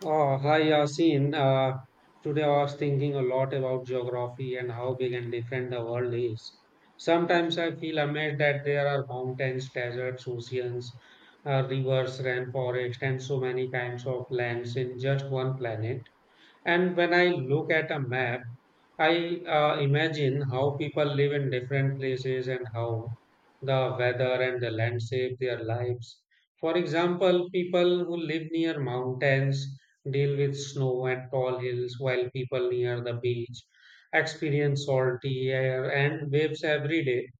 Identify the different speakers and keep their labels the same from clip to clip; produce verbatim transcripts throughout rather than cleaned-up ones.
Speaker 1: Oh, hi Yasin. Uh, today I was thinking a lot about geography and how big and different the world is. Sometimes I feel amazed that there are mountains, deserts, oceans, uh, rivers, rainforests, and so many kinds of lands in just one planet. And when I look at a map, I uh, imagine how people live in different places and how the weather and the land shape their lives. For example, people who live near mountains deal with snow and tall hills, while people near the beach experience salty air and waves every day.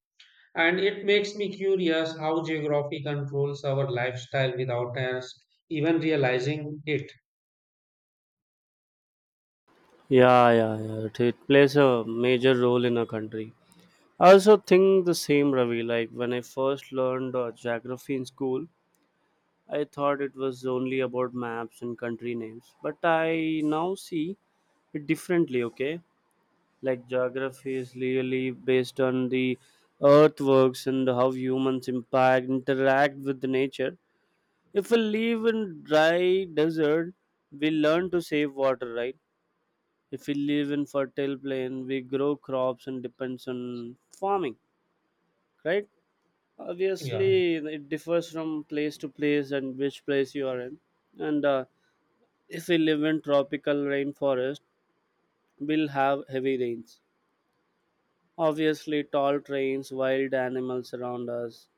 Speaker 1: And it makes me curious how geography controls our lifestyle without us even realizing it.
Speaker 2: Yeah, yeah, yeah. It, it plays a major role in a country. I also think the same, Ravi. Like when I first learned uh, geography in school, I thought it was only about maps and country names. But I now see it differently. Okay, like geography is really based on the earthworks and how humans impact interact with the nature. If we live in dry desert, we learn to save water, right? If we live in fertile plain, we grow crops and depends on farming, right?
Speaker 1: Yeah,
Speaker 2: Obviously it differs from place to place and which place you are in. And uh, if we live in tropical rainforest, we'll have heavy rains, obviously tall trains, wild animals around us.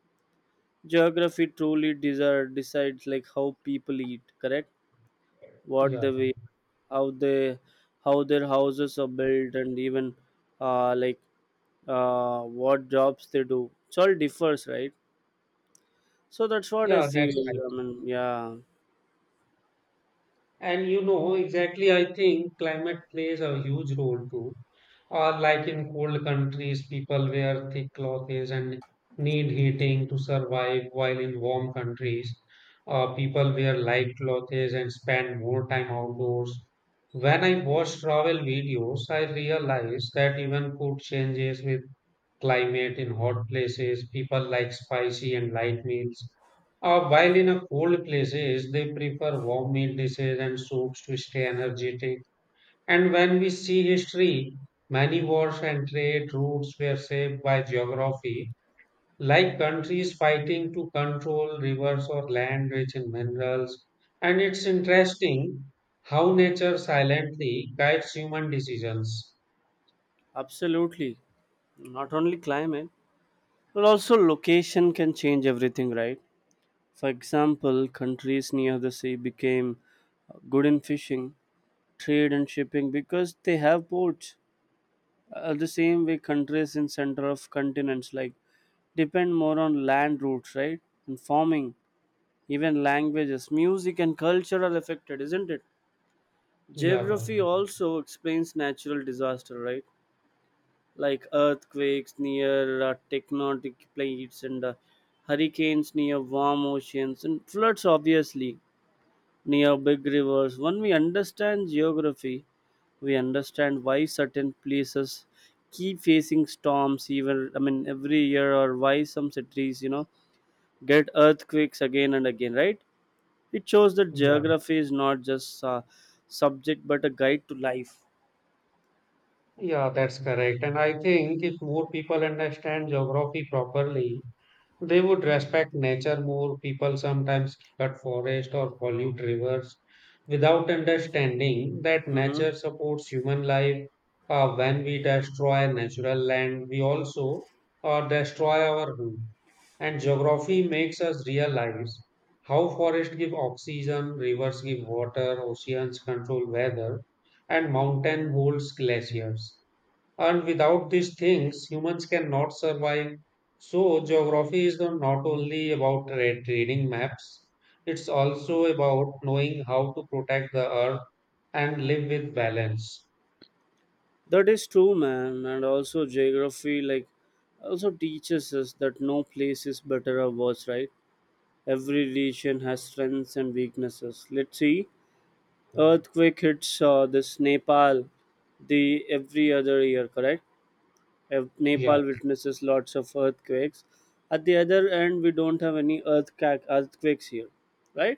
Speaker 2: Geography truly desire, decides like how people eat, correct? What
Speaker 1: yeah,
Speaker 2: they wear, how they, how their houses are built, and even uh, like uh, what jobs they do. It's all differs, right? So that's what I
Speaker 1: yeah, that's
Speaker 2: feel.
Speaker 1: right.
Speaker 2: I mean, yeah,
Speaker 1: And you know, exactly, I think climate plays a huge role too. Or like in cold countries, people wear thick clothes and need heating to survive, while in warm countries, uh, people wear light clothes and spend more time outdoors. When I watch travel videos, I realize that even food changes with climate in hot places. People like spicy and light meals, uh, while in a cold places, they prefer warm meal dishes and soups to stay energetic. And when we see history, many wars and trade routes were shaped by geography, like countries fighting to control rivers or land rich in minerals. And it's interesting how nature silently guides human decisions.
Speaker 2: absolutely. Not only climate, but also location can change everything, right? For example, countries near the sea became uh, good in fishing, trade, and shipping because they have ports. Uh, the same way, countries in center of continents like depend more on land routes, right? And farming, even languages, music, and culture are affected, isn't it?
Speaker 1: Yeah, yeah,
Speaker 2: Geography also explains natural disaster, right? Like earthquakes near uh, tectonic plates, and uh, hurricanes near warm oceans, and floods, obviously, near big rivers. When we understand geography, we understand why certain places keep facing storms even, i mean every year, or why some cities, you know, get earthquakes again and again, right? It shows that
Speaker 1: yeah.
Speaker 2: geography is not just a subject but a guide to life.
Speaker 1: Yeah, that's correct. And I think if more people understand geography properly, they would respect nature more. People sometimes cut forest or pollute rivers without understanding that
Speaker 2: Hmm.
Speaker 1: nature supports human life. Uh, when we destroy natural land, we also uh, destroy our home. And geography makes us realize how forests give oxygen, rivers give water, oceans control weather, and mountain holds glaciers. And without these things, humans cannot survive. So, geography is not not only about re- reading maps, it's also about knowing how to protect the earth and live with balance.
Speaker 2: That is true, man. And also, geography, like, also teaches us that no place is better or worse, right? Every region has strengths and weaknesses. Let's see, earthquake hits uh, this Nepal the every other year, correct? If
Speaker 1: Yeah,
Speaker 2: Nepal witnesses lots of earthquakes. At the other end, we don't have any earthquake earthquakes here, right?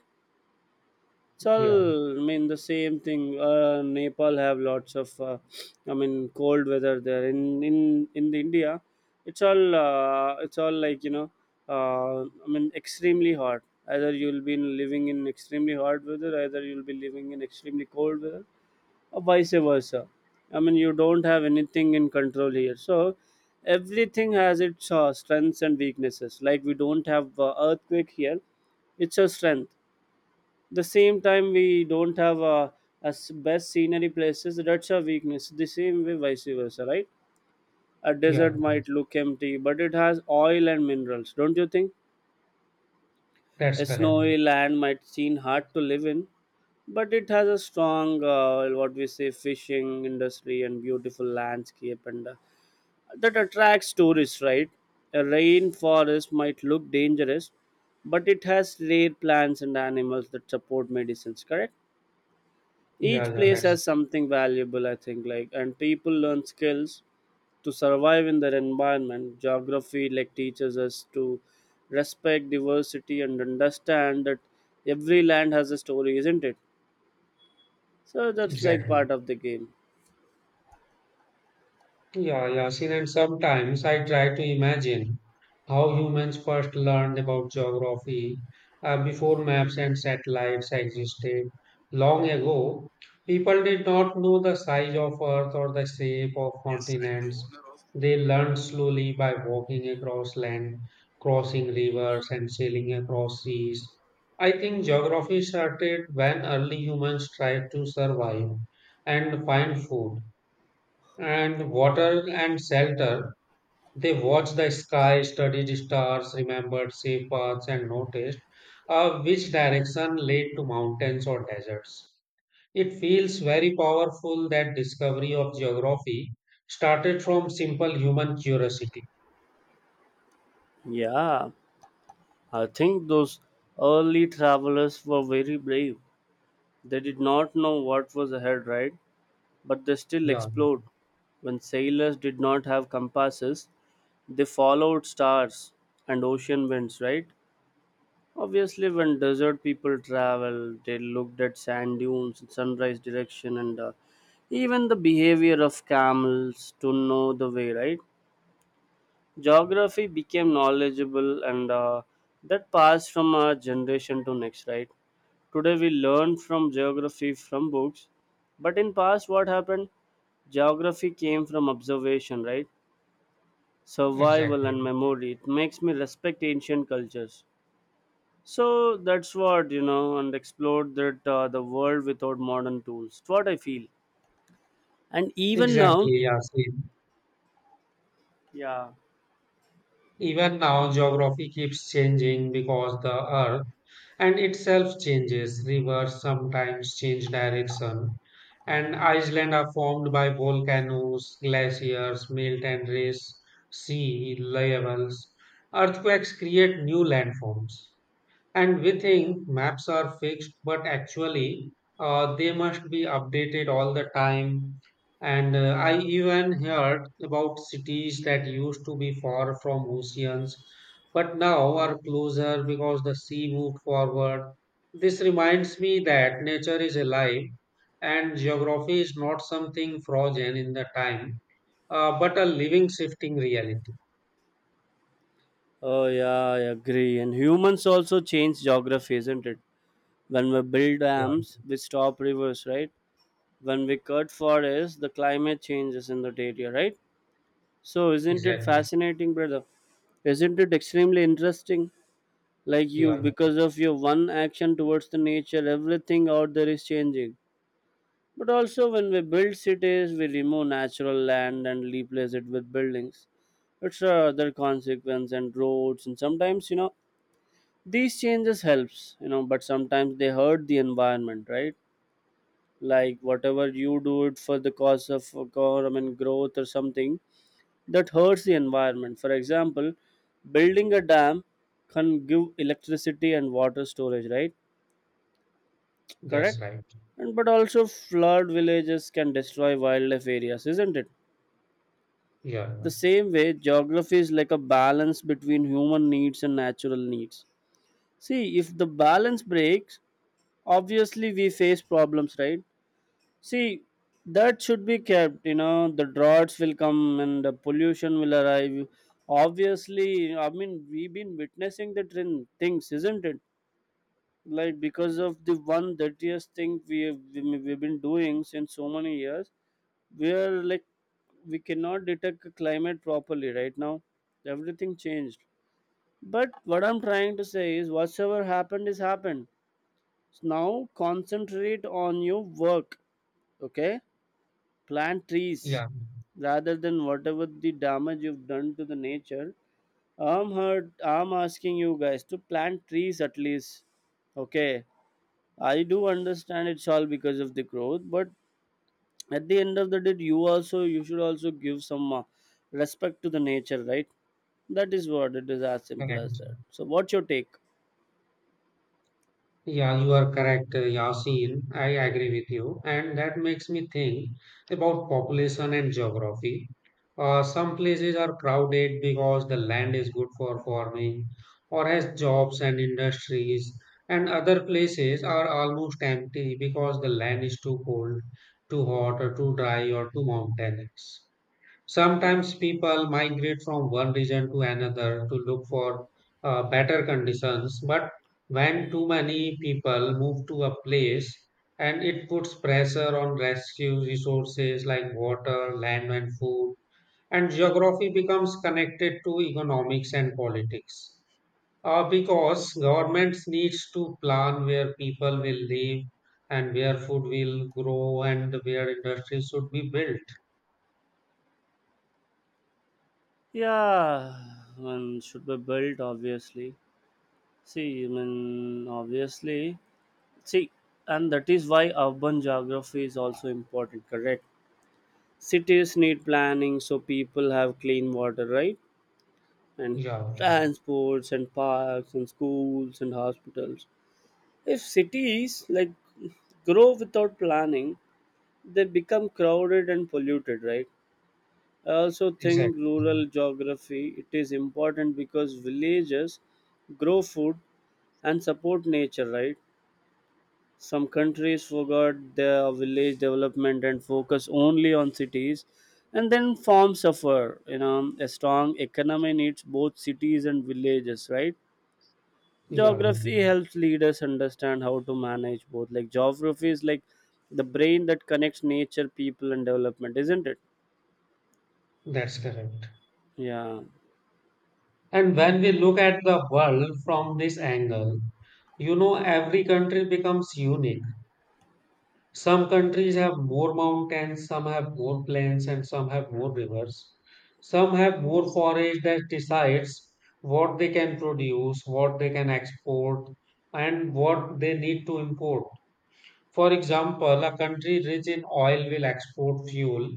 Speaker 2: It's all,
Speaker 1: yeah,
Speaker 2: I mean, the same thing. Uh, nepal have lots of uh, i mean cold weather there. In in in the India, it's all, uh, it's all, like, you know, uh, I mean extremely hot. Either you'll be living in extremely hot weather, either you'll be living in extremely cold weather, or vice versa. I mean, you don't have anything in control here. So everything has its uh, strengths and weaknesses. Like we don't have uh, earthquake here, it's a strength. The same time, we don't have uh, as best scenery places, that's a weakness. The same way vice versa, right? A
Speaker 1: yeah,
Speaker 2: desert might look empty, but it has oil and minerals, don't you think?
Speaker 1: that's
Speaker 2: A
Speaker 1: correct.
Speaker 2: snowy land might seem hard to live in, but it has a strong, uh, what we say, fishing industry and beautiful landscape, and uh, that attracts tourists, right? A rainforest might look dangerous, but it has rare plants and animals that support medicines, correct?
Speaker 1: Yeah,
Speaker 2: Each
Speaker 1: yeah,
Speaker 2: place
Speaker 1: that's
Speaker 2: has something valuable, I think, like, and people learn skills to survive in their environment. Geography like teaches us to respect diversity and understand that every land has a story, isn't it? So that's like
Speaker 1: exactly.
Speaker 2: part of the game.
Speaker 1: Yeah, Yasin, and sometimes I try to imagine how humans first learned about geography uh, before maps and satellites existed. Long ago, people did not know the size of Earth or the shape of continents. They learned slowly by walking across land, crossing rivers, and sailing across seas. I think geography started when early humans tried to survive and find food and water and shelter. They watched the sky, studied stars, remembered safe paths, and noticed uh, which direction led to mountains or deserts. It feels very powerful that discovery of geography started from simple human curiosity.
Speaker 2: Yeah, I think those early travelers were very brave. They did not know what was ahead, right? But they still
Speaker 1: Yeah,
Speaker 2: explode. When sailors did not have compasses, they followed stars and ocean winds, right? Obviously, when desert people travel, they looked at sand dunes, sunrise direction, and uh, even the behavior of camels to know the way, right? Geography became knowledgeable, and uh, that passed from a generation to next, right? Today we learn from geography from books, but in past what happened? Geography came from observation, right? Survival
Speaker 1: exactly.
Speaker 2: and memory. It makes me respect ancient cultures. So that's what, you know, and explored that uh, the world without modern tools. It's what I feel, and even now,
Speaker 1: Exactly, Yasin.
Speaker 2: yeah.
Speaker 1: Even now, geography keeps changing because the earth and itself changes. Rivers sometimes change direction, and islands are formed by volcanoes, glaciers melt and raise sea levels. Earthquakes create new landforms. And we think maps are fixed, but actually, uh, they must be updated all the time. And uh, I even heard about cities that used to be far from oceans, but now are closer because the sea moved forward. This reminds me that nature is alive and geography is not something frozen in the time, uh, but a living, shifting reality.
Speaker 2: Oh yeah, I agree. And humans also change geography, isn't it? When we build
Speaker 1: Yeah,
Speaker 2: dams, we stop rivers, right? When we cut forests, the climate changes in that area, right? So isn't it
Speaker 1: exactly.
Speaker 2: fascinating, brother? Isn't it extremely interesting? Like you,
Speaker 1: Yeah,
Speaker 2: because of your one action towards the nature, everything out there is changing. But also, when we build cities, we remove natural land and replace it with buildings. It's uh, other consequence, and roads, and sometimes, you know, these changes helps, you know, but sometimes they hurt the environment, right? Like whatever you do it for the cause of government growth or something, that hurts the environment. For example, building a dam can give electricity and water storage, right?
Speaker 1: that's
Speaker 2: Correct.
Speaker 1: right.
Speaker 2: And but also flood villages, can destroy wildlife areas, isn't it?
Speaker 1: Yeah, yeah.
Speaker 2: The same way, geography is like a balance between human needs and natural needs. See, if the balance breaks, obviously we face problems, right? See, that should be kept. You know, the droughts will come and the pollution will arrive. Obviously, I mean, we've been witnessing the trend things, isn't it? Like because of the one dirtiest thing we have, we- we've been doing since so many years, we are like we cannot detect the climate properly right now. Everything changed. But what I'm trying to say is, whatsoever happened is happened. So now concentrate on your work. Okay, plant trees
Speaker 1: Yeah,
Speaker 2: rather than whatever the damage you've done to the nature. I'm hurt, I'm asking you guys to plant trees at least. Okay, I do understand it's all because of the growth, but at the end of the day, you also, you should also give some uh, respect to the nature, right? That is what it is, as simple as
Speaker 1: correct.
Speaker 2: that. So what's your take?
Speaker 1: Yeah, you are correct, uh, Yasin. I agree with you. And that makes me think about population and geography. Uh, some places are crowded because the land is good for farming or has jobs and industries, and other places are almost empty because the land is too cold, too hot, or too dry, or too mountainous.
Speaker 2: Huh?
Speaker 1: Sometimes people migrate from one region to another to look for uh, better conditions, but when too many people move to a place and it puts pressure on rescue resources like water, land, and food, and geography becomes connected to economics and politics. Uh, because governments needs to plan where people will live and where food will grow and where industries should be built.
Speaker 2: Yeah, one should be built obviously. See, I mean, obviously. See, and that is why urban geography is also important, correct? Cities need planning so people have clean water, right? And
Speaker 1: Yeah,
Speaker 2: transports, and parks, and schools, and hospitals. If cities like grow without planning, they become crowded and polluted, right? I also think
Speaker 1: exactly.
Speaker 2: rural geography it is important because villages grow food and support nature, right? Some countries forgot their village development and focus only on cities, and then farms suffer. You know, a strong economy needs both cities and villages, right?
Speaker 1: Yeah, yeah,
Speaker 2: Geography helps leaders understand how to manage both. Like geography is like the brain that connects nature, people, and development, isn't it?
Speaker 1: that's correct.
Speaker 2: Yeah,
Speaker 1: And when we look at the world from this angle, you know, every country becomes unique. Some countries have more mountains, some have more plains, and some have more rivers. Some have more forage that decides what they can produce, what they can export, and what they need to import. For example, a country rich in oil will export fuel,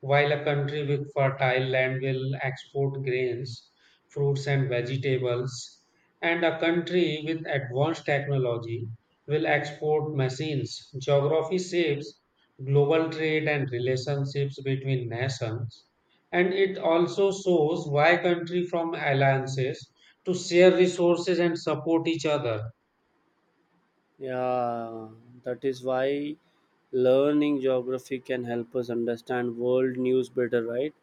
Speaker 1: while a country with fertile land will export grains, fruits, and vegetables. And a country with advanced technology will export machines. Geography shapes global trade and relationships between nations. And it also shows why countries form alliances to share resources and support each other.
Speaker 2: yeah. That is why learning geography can help us understand world news better, right?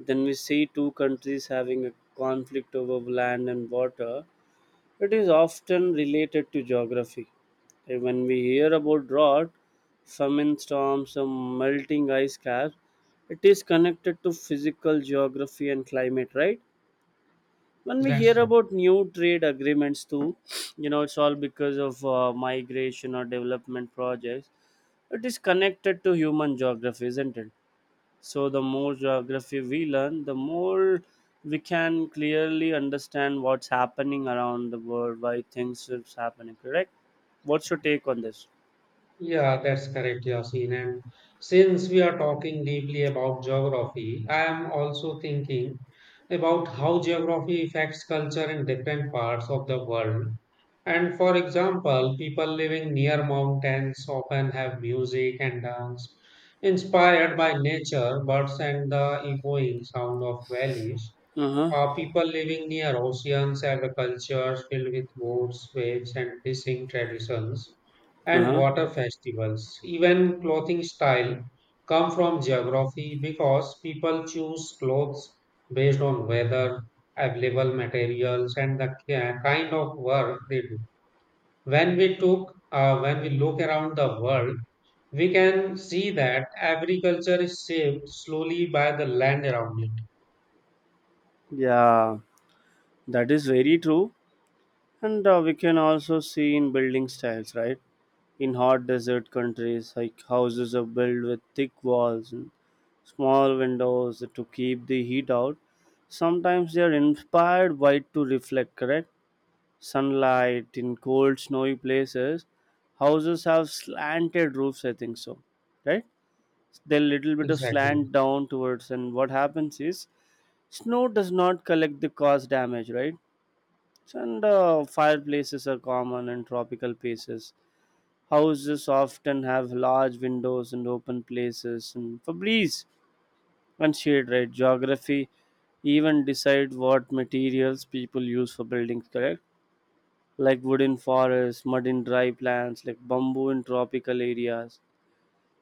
Speaker 2: Then we see two countries having a conflict over land and water. It is often related to geography. And when we hear about drought, famine storms, or melting ice caps, it is connected to physical geography and climate, right? When we
Speaker 1: That's
Speaker 2: hear
Speaker 1: right.
Speaker 2: about new trade agreements, too, you know, it's all because of uh, migration or development projects. It is connected to human geography, isn't it? So the more geography we learn, the more we can clearly understand what's happening around the world, why things is happening. Correct? What's your take on this?
Speaker 1: Yeah, that's correct, Yasin. And since we are talking deeply about geography, I am also thinking about how geography affects culture in different parts of the world. And for example, people living near mountains often have music and dance inspired by nature, birds, and the echoing sound of valleys.
Speaker 2: Uh huh.
Speaker 1: Uh, people living near oceans have a culture filled with boats, waves, and fishing traditions
Speaker 2: Uh
Speaker 1: and
Speaker 2: huh.
Speaker 1: water festivals. Even clothing style come from geography because people choose clothes based on weather, available materials, and the ki- kind of work they do. When we took, uh, when we look around the world, we can see that agriculture is shaped slowly by the land around it.
Speaker 2: Yeah, that is very true. And uh, we can also see in building styles, right? In hot desert countries, like houses are built with thick walls and small windows to keep the heat out. Sometimes they are inspired by to reflect, correct? Sunlight in cold snowy places, houses have slanted roofs, I think so, right? They little bit of
Speaker 1: Exactly.
Speaker 2: slant down towards, and what happens is snow does not collect, the cause damage, right? So, and uh, fireplaces are common. In tropical places, houses often have large windows and open places, and for breeze and shade, right? Geography even decide what materials people use for buildings, correct? Like wood in forests, mud in dry plants, like bamboo in tropical areas,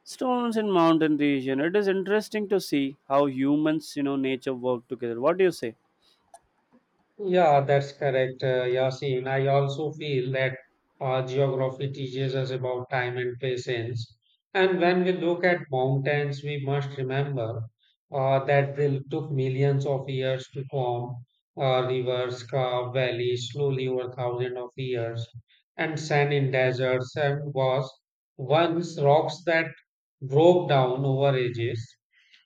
Speaker 2: stones in mountain region. It is interesting to see how humans, you know, nature work together. What do you say?
Speaker 1: Yeah, that's correct, uh, Yasin. I also feel that uh, geography teaches us about time and patience. And when we look at mountains, we must remember uh, that they took millions of years to form. Uh, rivers carve valleys slowly over thousands of years. And sand in deserts and was once rocks that broke down over ages.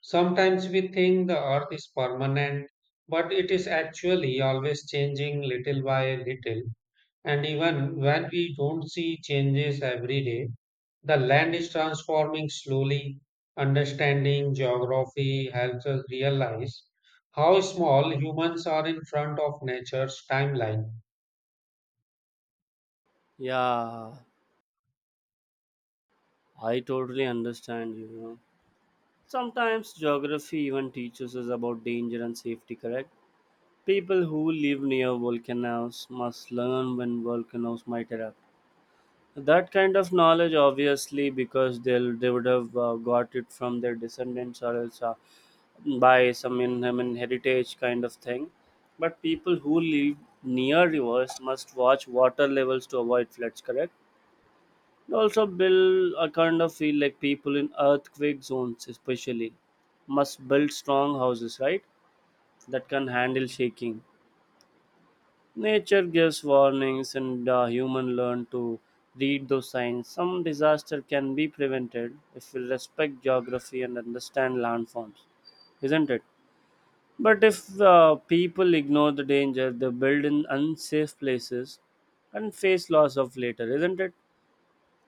Speaker 1: Sometimes we think the earth is permanent but it is actually always changing little by little. And even when we don't see changes every day, the land is transforming slowly. Understanding geography helps us realize how small humans are in front of nature's timeline.
Speaker 2: Yeah, I totally understand you, you know. Sometimes geography even teaches us about danger and safety, correct? People who live near volcanoes must learn when volcanoes might erupt. That kind of knowledge, obviously, because they'll, they would have uh, got it from their descendants, or else uh, by some in, I mean, heritage kind of thing. But people who live near rivers must watch water levels to avoid floods, correct? And also, build a kind of feel like people in earthquake zones, especially, must build strong houses, right? That can handle shaking. Nature gives warnings, and uh, human learn to read those signs. Some disaster can be prevented if we respect geography and understand landforms, isn't it? But if uh, people ignore the danger, they build in unsafe places and face loss of later, isn't it?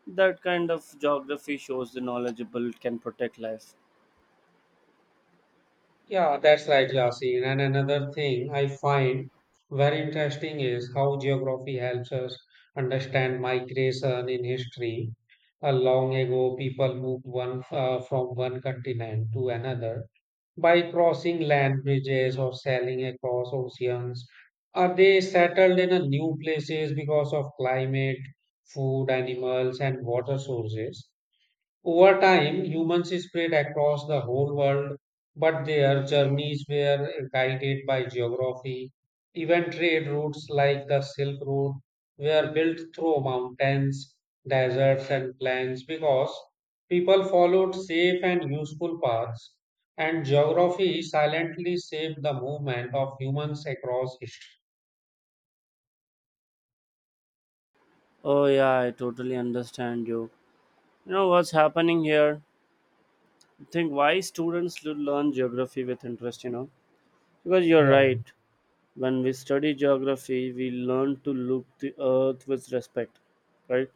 Speaker 2: That kind of geography shows the knowledgeable can protect life.
Speaker 1: Yeah, that's right, Yasin. And another thing I find very interesting is how geography helps us understand migration in history. A long ago, people moved one uh, from one continent to another by crossing land bridges or sailing across oceans. Are they settled in a new places because of climate, food, animals, and water sources? Over time, humans spread across the whole world, but their journeys were guided by geography. Even trade routes like the Silk Road were built through mountains, deserts, and plains because people followed safe and useful paths, and geography silently shaped the movement of humans across history.
Speaker 2: Oh yeah, I totally understand you. You know what's happening here? I think why students should learn geography with interest, you know? Because you're
Speaker 1: Yeah.
Speaker 2: right. When we study geography, we learn to look the earth with respect, right?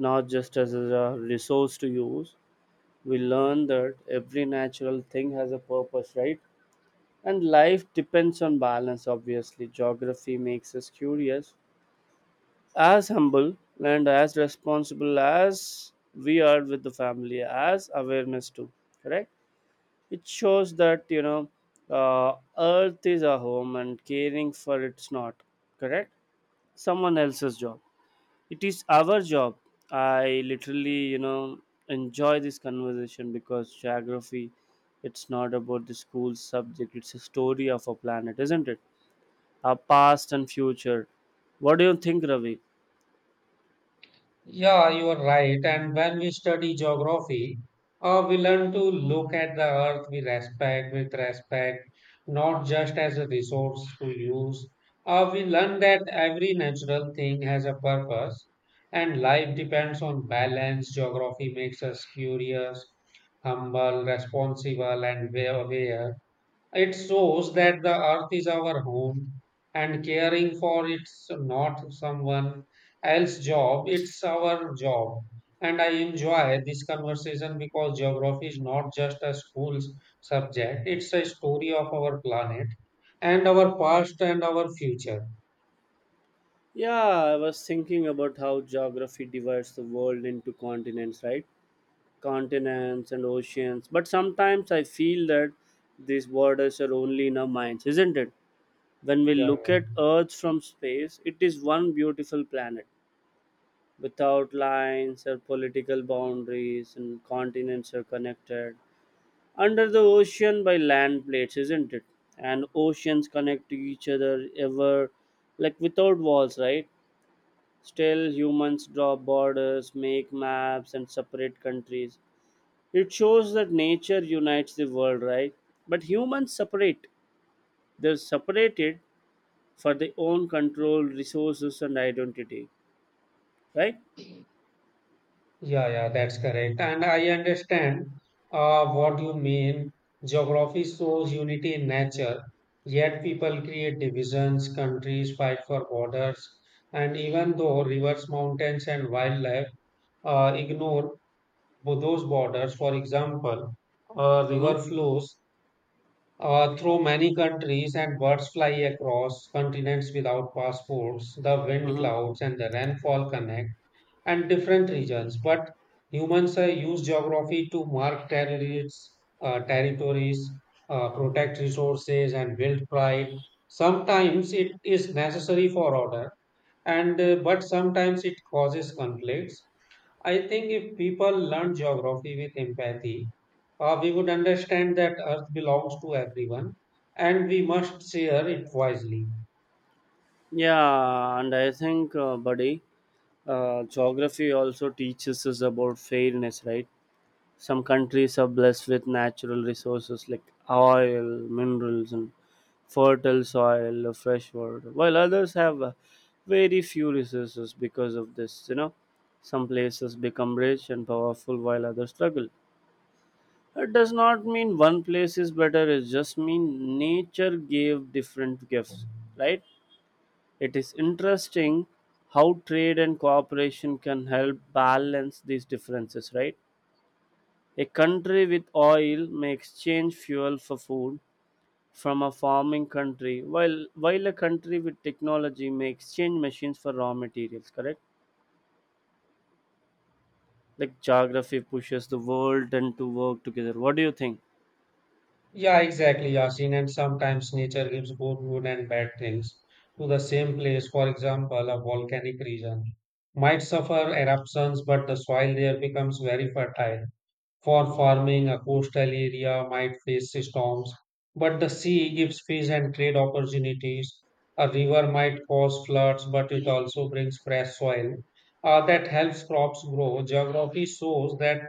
Speaker 2: Not just as a resource to use, we learn that every natural thing has a purpose, right, and life depends on balance. Obviously geography makes us curious as humble and as responsible as we are with the family as awareness too, correct. It shows that you know uh, earth is our home and caring for it's not, correct, someone else's job. It is our job. I literally, you know, enjoy this conversation because geography, it's not about the school subject, it's a story of our planet, isn't it? Our past and future. What do you think, Ravi?
Speaker 1: Yeah, you are right. And when we study geography, uh, we learn to look at the earth we respect with respect, not just as a resource to use. Uh, we learn that every natural thing has a purpose, and life depends on balance. Geography makes us curious, humble, responsible, and wa- aware. It shows that the earth is our home and caring for it's not someone else's job, it's our job. And I enjoy this conversation because geography is not just a school subject, it's a story of our planet and our past and our future.
Speaker 2: Yeah, I was thinking about how geography divides the world into continents, right? Continents and oceans. But sometimes I feel that these borders are only in our minds, isn't it? When we
Speaker 1: Yeah.
Speaker 2: look at Earth from space, it is one beautiful planet without lines or political boundaries, and continents are connected under the ocean by land plates, isn't it? And oceans connect to each other ever, like without walls, right? Still, humans draw borders, make maps, and separate countries. It shows that nature unites the world, right? But humans separate. They're separated for their own control, resources, and identity, right?
Speaker 1: Yeah, yeah, that's correct. And I understand uh, what you mean. Geography shows unity in nature, yet people create divisions, countries fight for borders, and even though rivers, mountains, and wildlife uh, ignore bo- those borders, for example, a river
Speaker 2: Mm-hmm.
Speaker 1: flows uh, through many countries and birds fly across continents without passports, the wind
Speaker 2: Mm-hmm.
Speaker 1: clouds and the rainfall connect and different regions, but humans uh, use geography to mark territories, uh, territories uh, protect resources, and build pride. Sometimes it is necessary for order, and uh, but sometimes it causes conflicts. I think if people learn geography with empathy, uh, we would understand that Earth belongs to everyone, and we must share it wisely.
Speaker 2: Yeah, and I think, uh, buddy, uh, geography also teaches us about fairness, right? Some countries are blessed with natural resources like oil, minerals, and fertile soil, uh, fresh water, while others have uh, very few resources because of this. You know, some places become rich and powerful while others struggle. It does not mean one place is better, it just means nature gave different gifts, right? It is interesting how trade and cooperation can help balance these differences, right? A country with oil may exchange fuel for food from a farming country, while while a country with technology may exchange machines for raw materials, correct? Like geography pushes the world and to work together. What do you think?
Speaker 1: Yeah, exactly, Yasin. And sometimes nature gives both good and bad things to the same place. For example, a volcanic region might suffer eruptions, but the soil there becomes very fertile. For farming, a coastal area might face storms, but the sea gives fish and trade opportunities. A river might cause floods, but it also brings fresh soil uh, that helps crops grow. Geography shows that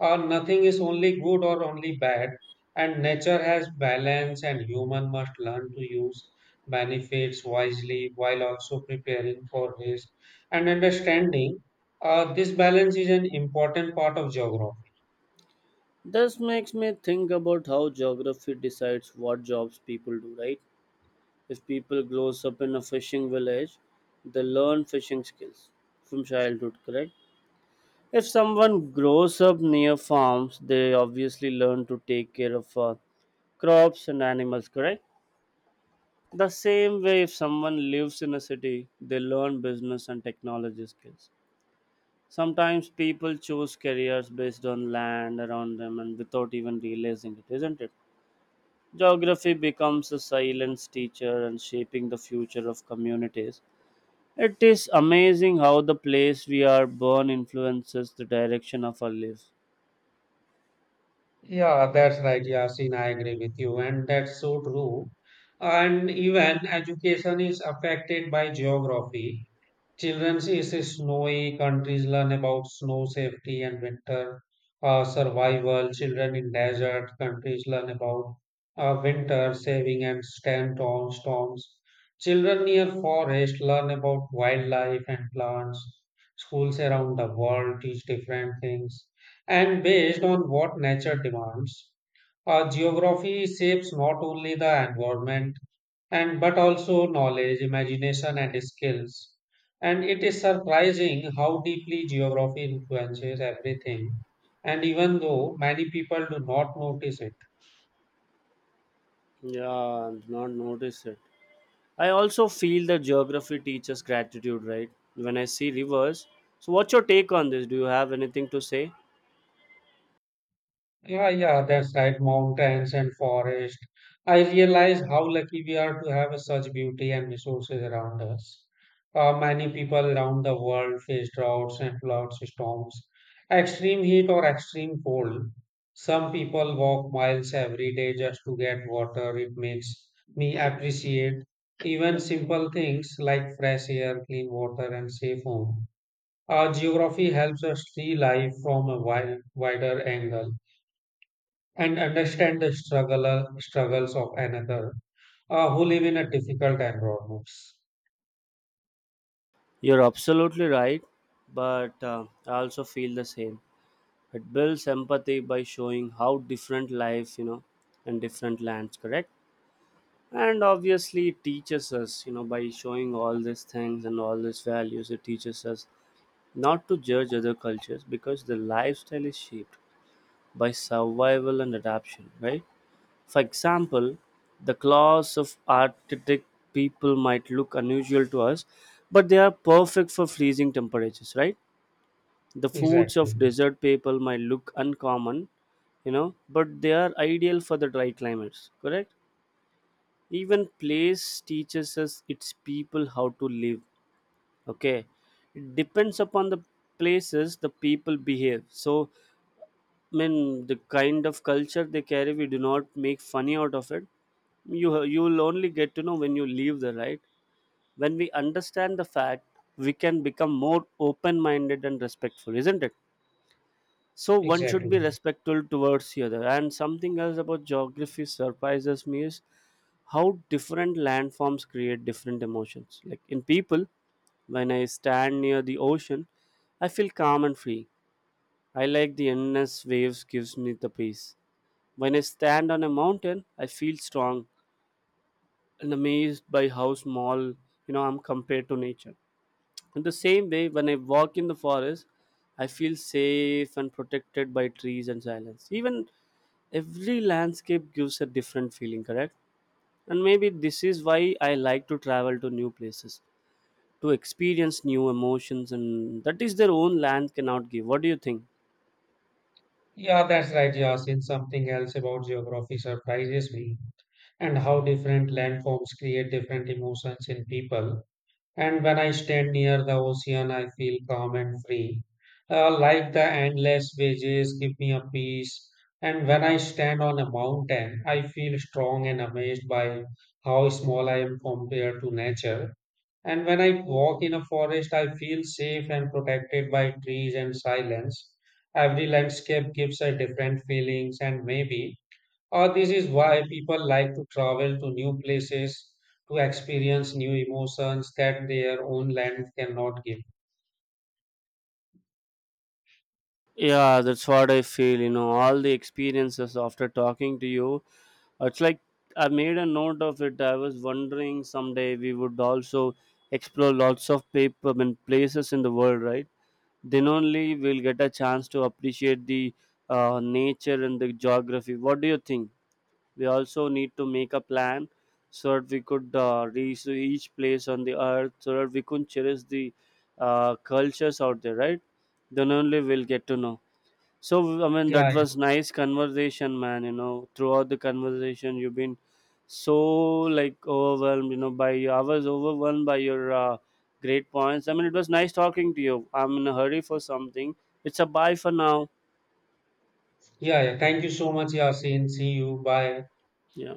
Speaker 1: uh, nothing is only good or only bad, and nature has balance, and human must learn to use benefits wisely while also preparing for risk and understanding. Uh, this balance is an important part of geography.
Speaker 2: This makes me think about how geography decides what jobs people do, right? If people grows up in a fishing village, they learn fishing skills from childhood, correct? If someone grows up near farms, they obviously learn to take care of uh, crops and animals, correct? The same way, if someone lives in a city, they learn business and technology skills. Sometimes people choose careers based on land around them and without even realizing it, isn't it? Geography becomes a silent teacher and shaping the future of communities. It is amazing how the place we are born influences the direction of our lives.
Speaker 1: Yeah, that's right, Yasin. I agree with you, and that's so true. And even education is affected by geography. Children in snowy countries learn about snow safety and winter uh, survival. Children in desert countries learn about uh, winter saving and stand on storms. Children near forest learn about wildlife and plants. Schools around the world teach different things and based on what nature demands. Uh, geography shapes not only the environment and but also knowledge, imagination, and skills. And it is surprising how deeply geography influences everything, and even though many people do not notice it.
Speaker 2: Yeah, I've not noticed it. I also feel that geography teaches gratitude, right? When I see rivers. So, what's your take on this? Do you have anything to say?
Speaker 1: Yeah, yeah, that's right. Mountains and forest. I realize how lucky we are to have such beauty and resources around us. Uh, many people around the world face droughts and floods, storms, extreme heat or extreme cold. Some people walk miles every day just to get water. It makes me appreciate even simple things like fresh air, clean water, and safe home. Uh, geography helps us see life from a wide, wider angle and understand the struggle, struggles of another uh, who live in a difficult environments.
Speaker 2: You're absolutely right, but uh, I also feel the same. It builds empathy by showing how different life, you know, and different lands, correct? And obviously, it teaches us, you know, by showing all these things and all these values, it teaches us not to judge other cultures because their lifestyle is shaped by survival and adaptation, right? For example, the claws of Arctic people might look unusual to us, but they are perfect for freezing temperatures, right? The foods
Speaker 1: Exactly,
Speaker 2: of desert people might look uncommon, you know, but they are ideal for the dry climates, correct? Even place teaches us its people how to live, okay? It depends upon the places the people behave. So I mean the kind of culture they carry, we do not make funny out of it. You you will only get to know when you leave the right, when we understand the fact we can become more open minded and respectful, isn't it? So one should
Speaker 1: exactly.
Speaker 2: be respectful towards the other, and something else about geography surprises me is how different landforms create different emotions like in people. When I stand near the ocean, I feel calm and free. I like the endless waves gives me the peace. When I stand on a mountain, I feel strong and amazed by how small, you know, I'm compared to nature. In the same way, when I walk in the forest, I feel safe and protected by trees and silence. Even every landscape gives a different feeling, correct? And maybe this is why I like to travel to new places to experience new emotions and that is their own land cannot give. What do you think?
Speaker 1: Yeah, that's right, Yasin. Something else about geography surprises me and how different landforms create different emotions in people. And when I stand near the ocean, I feel calm and free. Uh, like the endless waves give me a peace. And when I stand on a mountain, I feel strong and amazed by how small I am compared to nature. And when I walk in a forest, I feel safe and protected by trees and silence. Every landscape gives a different feelings, and maybe or this is why people like to travel to new places to experience new emotions that their own land cannot give.
Speaker 2: Yeah, that's what I feel. You know, all the experiences after talking to you, it's like I made a note of it. I was wondering someday we would also explore lots of paper and places in the world, right? Then only we'll get a chance to appreciate the uh, nature and the geography. What do you think? We also need to make a plan so that we could uh, reach each place on the earth, so that we could cherish the uh, cultures out there, right? Then only we'll get to know. So, I mean, that
Speaker 1: Yeah, yeah,
Speaker 2: was nice conversation, man. You know, throughout the conversation, you've been so like overwhelmed. You know, by I was overwhelmed by your uh, great points. I mean, it was nice talking to you. I'm in a hurry for something. It's a bye for now.
Speaker 1: yeah. yeah. Thank you so much, Yasin. See you. Bye.
Speaker 2: Yeah.